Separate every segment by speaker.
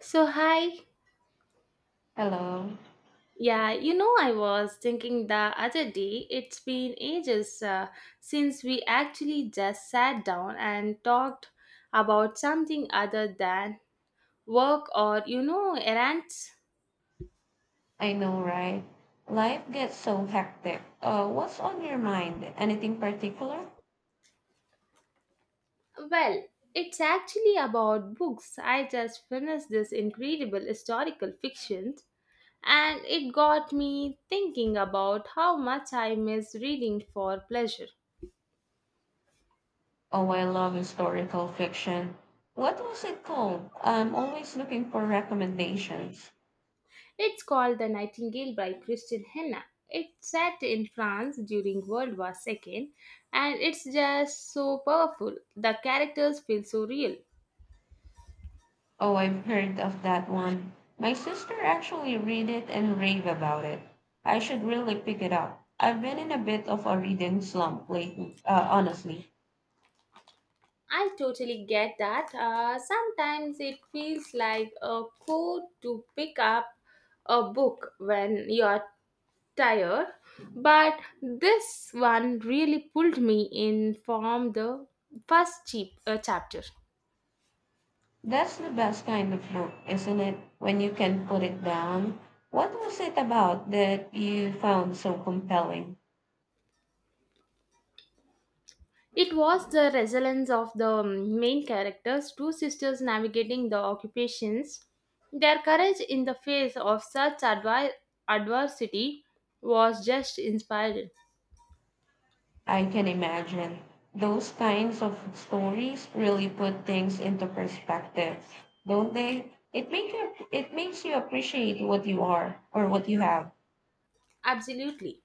Speaker 1: So, hi.
Speaker 2: Hello.
Speaker 1: Yeah, you know, I was thinking the other day, it's been ages. Since we actually just sat down and talked about something other than work or errands.
Speaker 2: I know, right? Life gets so hectic. What's on your mind? Anything particular?
Speaker 1: Well, it's actually about books. I just finished this incredible historical fiction and it got me thinking about how much I miss reading for pleasure.
Speaker 2: Oh, I love historical fiction. What was it called? I'm always looking for recommendations.
Speaker 1: It's called The Nightingale by Christian Henna. It's set in France during World War II and it's just so powerful. The characters feel so real.
Speaker 2: Oh, I've heard of that one. My sister actually read it and rave about it. I should really pick it up. I've been in a bit of a reading slump lately, honestly.
Speaker 1: I totally get that. Sometimes it feels like a code to pick up a book when you're tired, but this one really pulled me in from the first cheap chapter.
Speaker 2: That's the best kind of book, isn't it? When you can put it down. What was it about that you found so compelling?
Speaker 1: It was the resilience of the main characters, two sisters navigating the occupations. Their courage in the face of such adversity was just inspiring.
Speaker 2: I can imagine. Those kinds of stories really put things into perspective, don't they? It makes you appreciate what you are or what you have.
Speaker 1: Absolutely.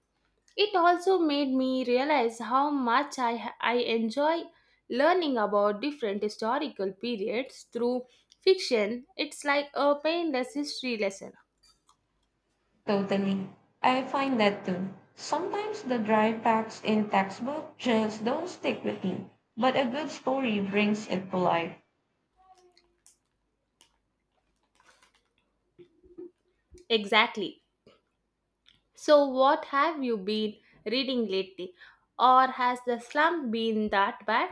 Speaker 1: It also made me realize how much I enjoy learning about different historical periods through fiction. It's like a painless history lesson.
Speaker 2: Totally. I find that too. Sometimes the dry facts in textbook just don't stick with me, but a good story brings it to life.
Speaker 1: Exactly. So, what have you been reading lately? Or has the slump been that bad?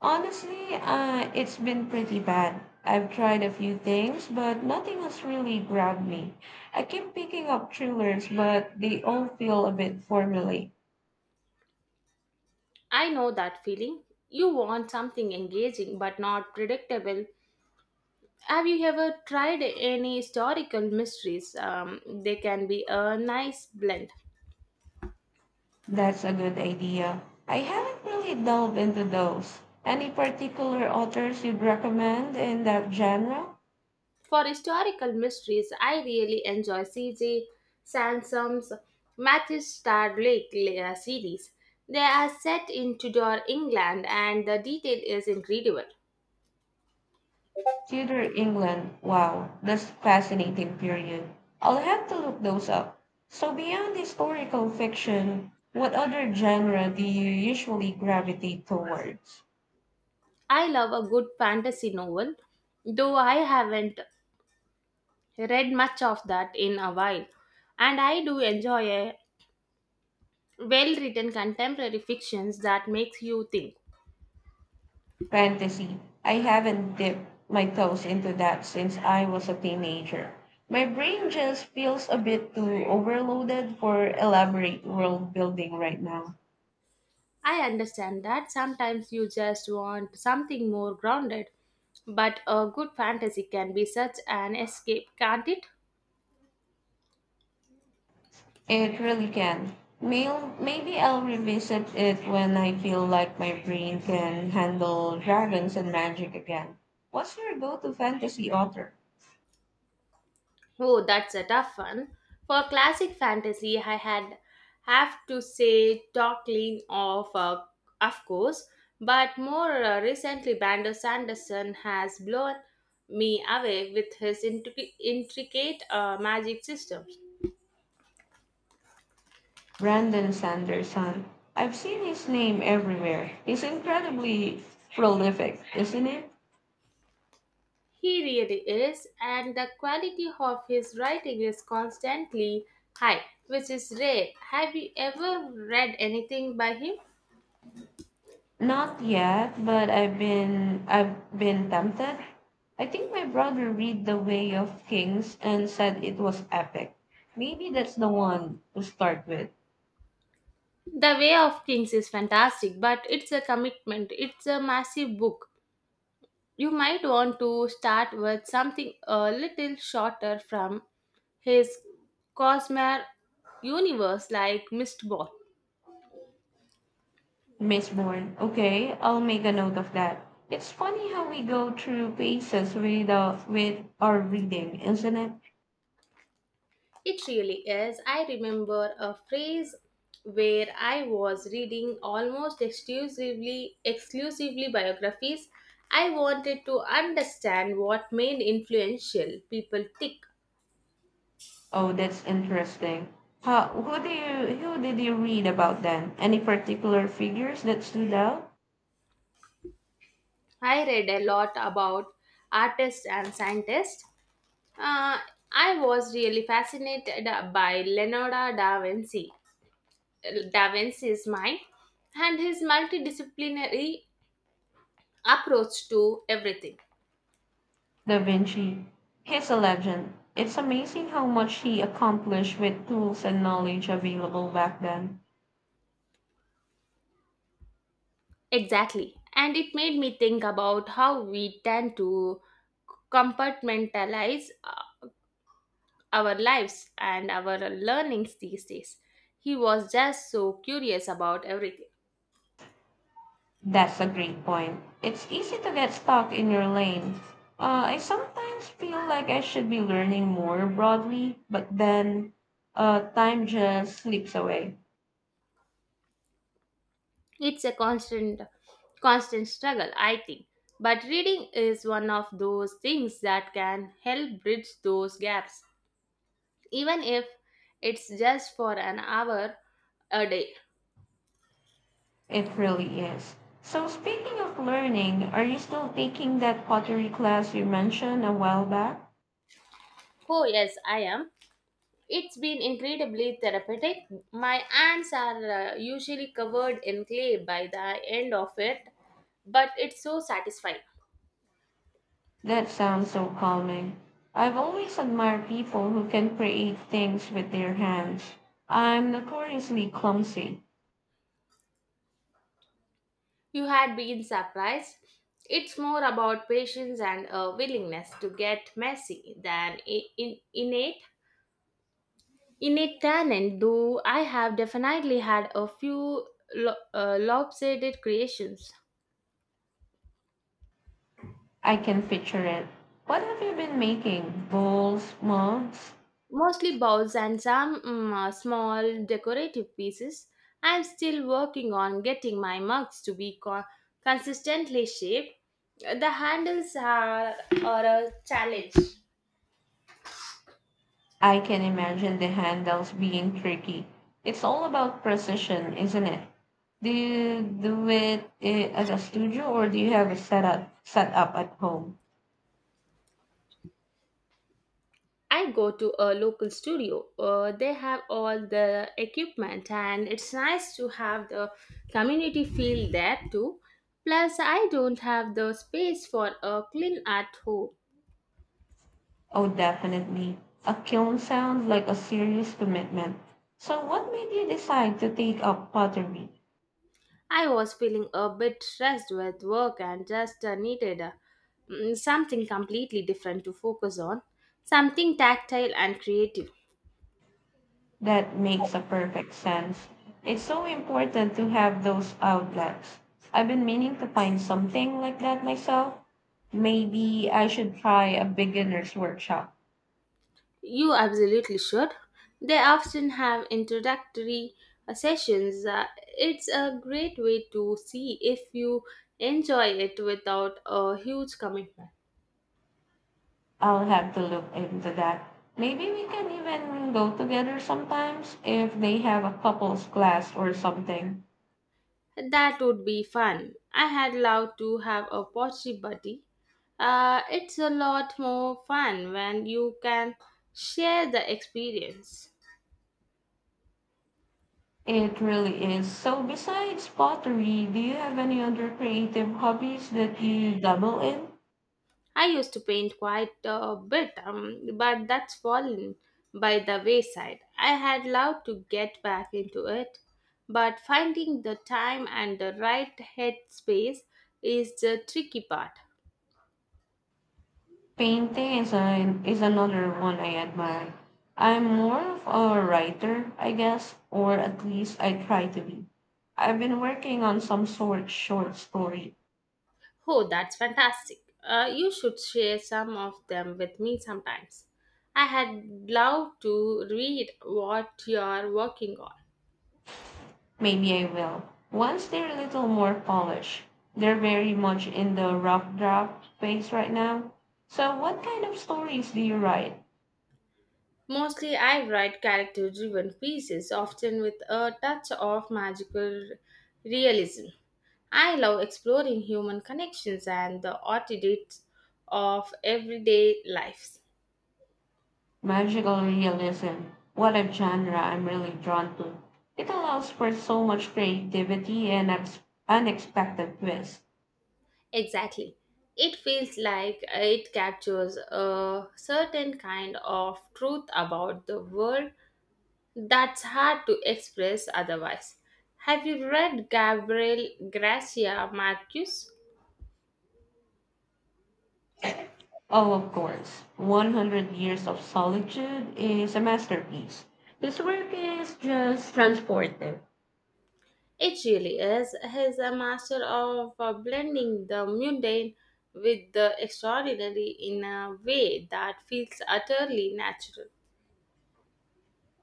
Speaker 2: Honestly, it's been pretty bad. I've tried a few things, but nothing has really grabbed me. I keep picking up thrillers, but they all feel a bit formulaic.
Speaker 1: I know that feeling. You want something engaging but not predictable. Have you ever tried any historical mysteries? They can be a nice blend.
Speaker 2: That's a good idea. I haven't really delved into those. Any particular authors you'd recommend in that genre?
Speaker 1: For historical mysteries, I really enjoy C.J. Sansom's Matthew Starlake series. They are set in Tudor England and the detail is incredible.
Speaker 2: Tudor England. Wow, that's fascinating period. I'll have to look those up. So beyond historical fiction, what other genre do you usually gravitate towards?
Speaker 1: I love a good fantasy novel, though I haven't read much of that in a while. And I do enjoy a well-written contemporary fictions that makes you think.
Speaker 2: Fantasy. I haven't dipped my toes into that since I was a teenager. My brain just feels a bit too overloaded for elaborate world building right now.
Speaker 1: I understand that sometimes you just want something more grounded, but a good fantasy can be such an escape, can't it?
Speaker 2: It really can. Mail, maybe I'll revisit it when I feel like my brain can handle dragons and magic again. What's your go to fantasy author?
Speaker 1: Oh, that's a tough one. For classic fantasy, I had have to say Talking of course, but more recently, Bandar Sanderson has blown me away with his intricate magic systems.
Speaker 2: Brandon Sanderson. I've seen his name everywhere. He's incredibly prolific, isn't it?
Speaker 1: He really is, and the quality of his writing is constantly high, which is rare. Have you ever read anything by him?
Speaker 2: Not yet, but I've been tempted. I think my brother read The Way of Kings and said it was epic. Maybe that's the one to start with.
Speaker 1: The Way of Kings is fantastic, but it's a commitment. It's a massive book. You might want to start with something a little shorter from his Cosmere universe, like Mistborn.
Speaker 2: Mistborn. Okay, I'll make a note of that. It's funny how we go through phases with our reading, isn't it?
Speaker 1: It really is. I remember a phrase where I was reading almost exclusively biographies. I wanted to understand what made influential people tick.
Speaker 2: Oh, that's interesting. How, who do you who did you read about then? Any particular figures that stood out?
Speaker 1: I read a lot about artists and scientists. Uh, I was really fascinated by Leonardo da Vinci's mind, and his multidisciplinary approach to everything.
Speaker 2: Da Vinci. He's a legend. It's amazing how much he accomplished with tools and knowledge available back then.
Speaker 1: Exactly, and it made me think about how we tend to compartmentalize our lives and our learnings these days. He was just so curious about everything.
Speaker 2: That's a great point. It's easy to get stuck in your lane. I sometimes feel like I should be learning more broadly, but then time just slips away.
Speaker 1: It's a constant struggle, I think. But reading is one of those things that can help bridge those gaps, even if it's just for an hour a day.
Speaker 2: It really is. So, speaking of learning, are you still taking that pottery class you mentioned a while back?
Speaker 1: Oh, yes, I am. It's been incredibly therapeutic. My hands are usually covered in clay by the end of it, but it's so satisfying.
Speaker 2: That sounds so calming. I've always admired people who can create things with their hands. I'm notoriously clumsy.
Speaker 1: You had been surprised. It's more about patience and a willingness to get messy than innate innate talent. Though I have definitely had a few lopsided creations,
Speaker 2: I can picture it. What have you been making? Bowls, molds?
Speaker 1: mostly bowls and some small decorative pieces. I'm still working on getting my mugs to be consistently shaped. The handles are a challenge.
Speaker 2: I can imagine the handles being tricky. It's all about precision, isn't it? Do you do it at a studio or do you have it set up at home?
Speaker 1: I go to a local studio. They have all the equipment, and it's nice to have the community feel there too. Plus, I don't have the space for a clean at home.
Speaker 2: Oh, definitely. A kiln sounds like a serious commitment. So, what made you decide to take up pottery?
Speaker 1: I was feeling a bit stressed with work and just needed something completely different to focus on, something tactile and creative.
Speaker 2: That makes a perfect sense. It's so important to have those outlets. I've been meaning to find something like that myself. Maybe I should try a beginner's workshop.
Speaker 1: You absolutely should. They often have introductory sessions. It's a great way to see if you enjoy it without a huge commitment.
Speaker 2: I'll have to look into that. Maybe we can even go together sometimes if they have a couples class or something.
Speaker 1: That would be fun. I had loved to have a pottery buddy. It's a lot more fun when you can share the experience.
Speaker 2: It really is. So, besides pottery, do you have any other creative hobbies that you dabble in?
Speaker 1: I used to paint quite a bit, but that's fallen by the wayside. I had loved to get back into it, but finding the time and the right headspace is the tricky part.
Speaker 2: Painting is another one I admire. I'm more of a writer, I guess, or at least I try to be. I've been working on some sort short story.
Speaker 1: Oh, that's fantastic. You should share some of them with me sometimes. I had loved to read what you're working on.
Speaker 2: Maybe I will. Once they're a little more polished. They're very much in the rough draft phase right now. So what kind of stories do you write?
Speaker 1: Mostly, I write character driven pieces, often with a touch of magical realism. I love exploring human connections and the oddities of everyday lives.
Speaker 2: Magical realism. What a genre I'm really drawn to. It allows for so much creativity and unexpected twists.
Speaker 1: Exactly. It feels like it captures a certain kind of truth about the world that's hard to express otherwise. Have you read Gabriel Garcia Marquez?
Speaker 2: Oh, of course. 100 Years of Solitude is a masterpiece. His work is just transportive.
Speaker 1: It really is. He's a master of blending the mundane with the extraordinary in a way that feels utterly natural.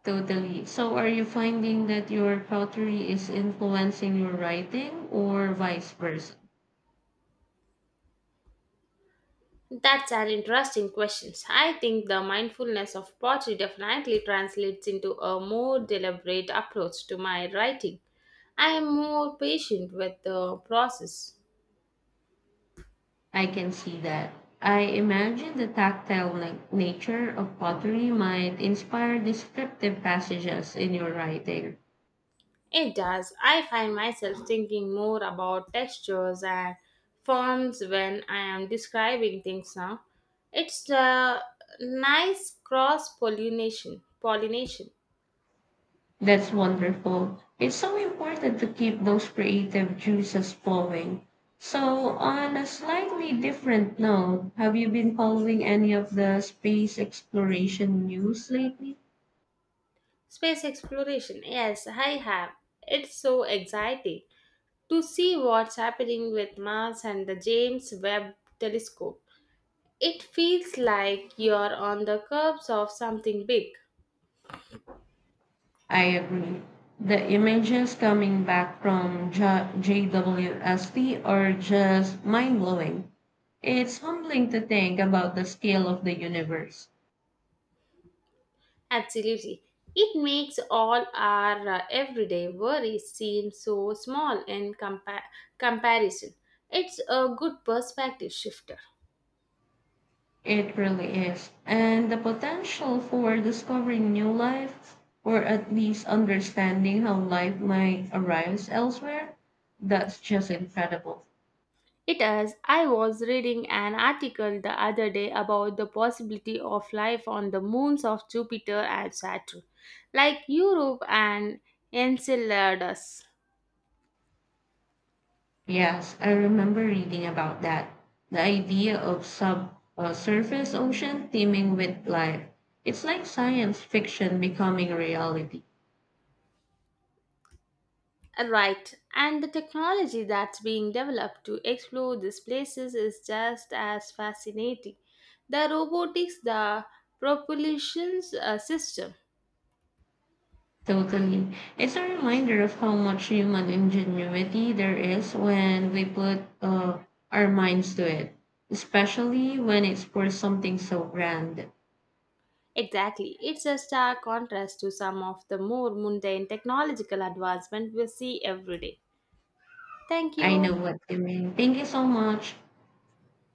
Speaker 2: Totally. So, are you finding that your pottery is influencing your writing or vice versa?
Speaker 1: That's an interesting question. I think the mindfulness of pottery definitely translates into a more deliberate approach to my writing. I am more patient with the process.
Speaker 2: I can see that. I imagine the tactile nature of pottery might inspire descriptive passages in your writing.
Speaker 1: It does. I find myself thinking more about textures and forms when I am describing things now. It's a nice cross pollination.
Speaker 2: That's wonderful. It's so important to keep those creative juices flowing. So, on a slightly different note, have you been following any of the space exploration news lately?
Speaker 1: Space exploration. Yes, I have. It's so exciting to see what's happening with Mars and the James Webb Telescope. It feels like you're on the curbs of something big.
Speaker 2: I agree. The images coming back from JWST are just mind blowing. It's humbling to think about the scale of the universe.
Speaker 1: Absolutely. It makes all our everyday worries seem so small in comparison. It's a good perspective shifter.
Speaker 2: It really is. And the potential for discovering new life, or at least understanding how life might arise elsewhere, that's just incredible.
Speaker 1: It is. I was reading an article the other day about the possibility of life on the moons of Jupiter and Saturn, like Europe and Enceladus.
Speaker 2: Yes, I remember reading about that. The idea of sub surface ocean teeming with life. It's like science fiction becoming reality.
Speaker 1: Right, and the technology that's being developed to explore these places is just as fascinating. The robotics, the propulsion system.
Speaker 2: Totally. It's a reminder of how much human ingenuity there is when we put our minds to it, especially when it's for something so grand.
Speaker 1: Exactly, it's a stark contrast to some of the more mundane technological advancement we see every day. Thank
Speaker 2: I know
Speaker 1: you.
Speaker 2: what you mean. Thank you so much.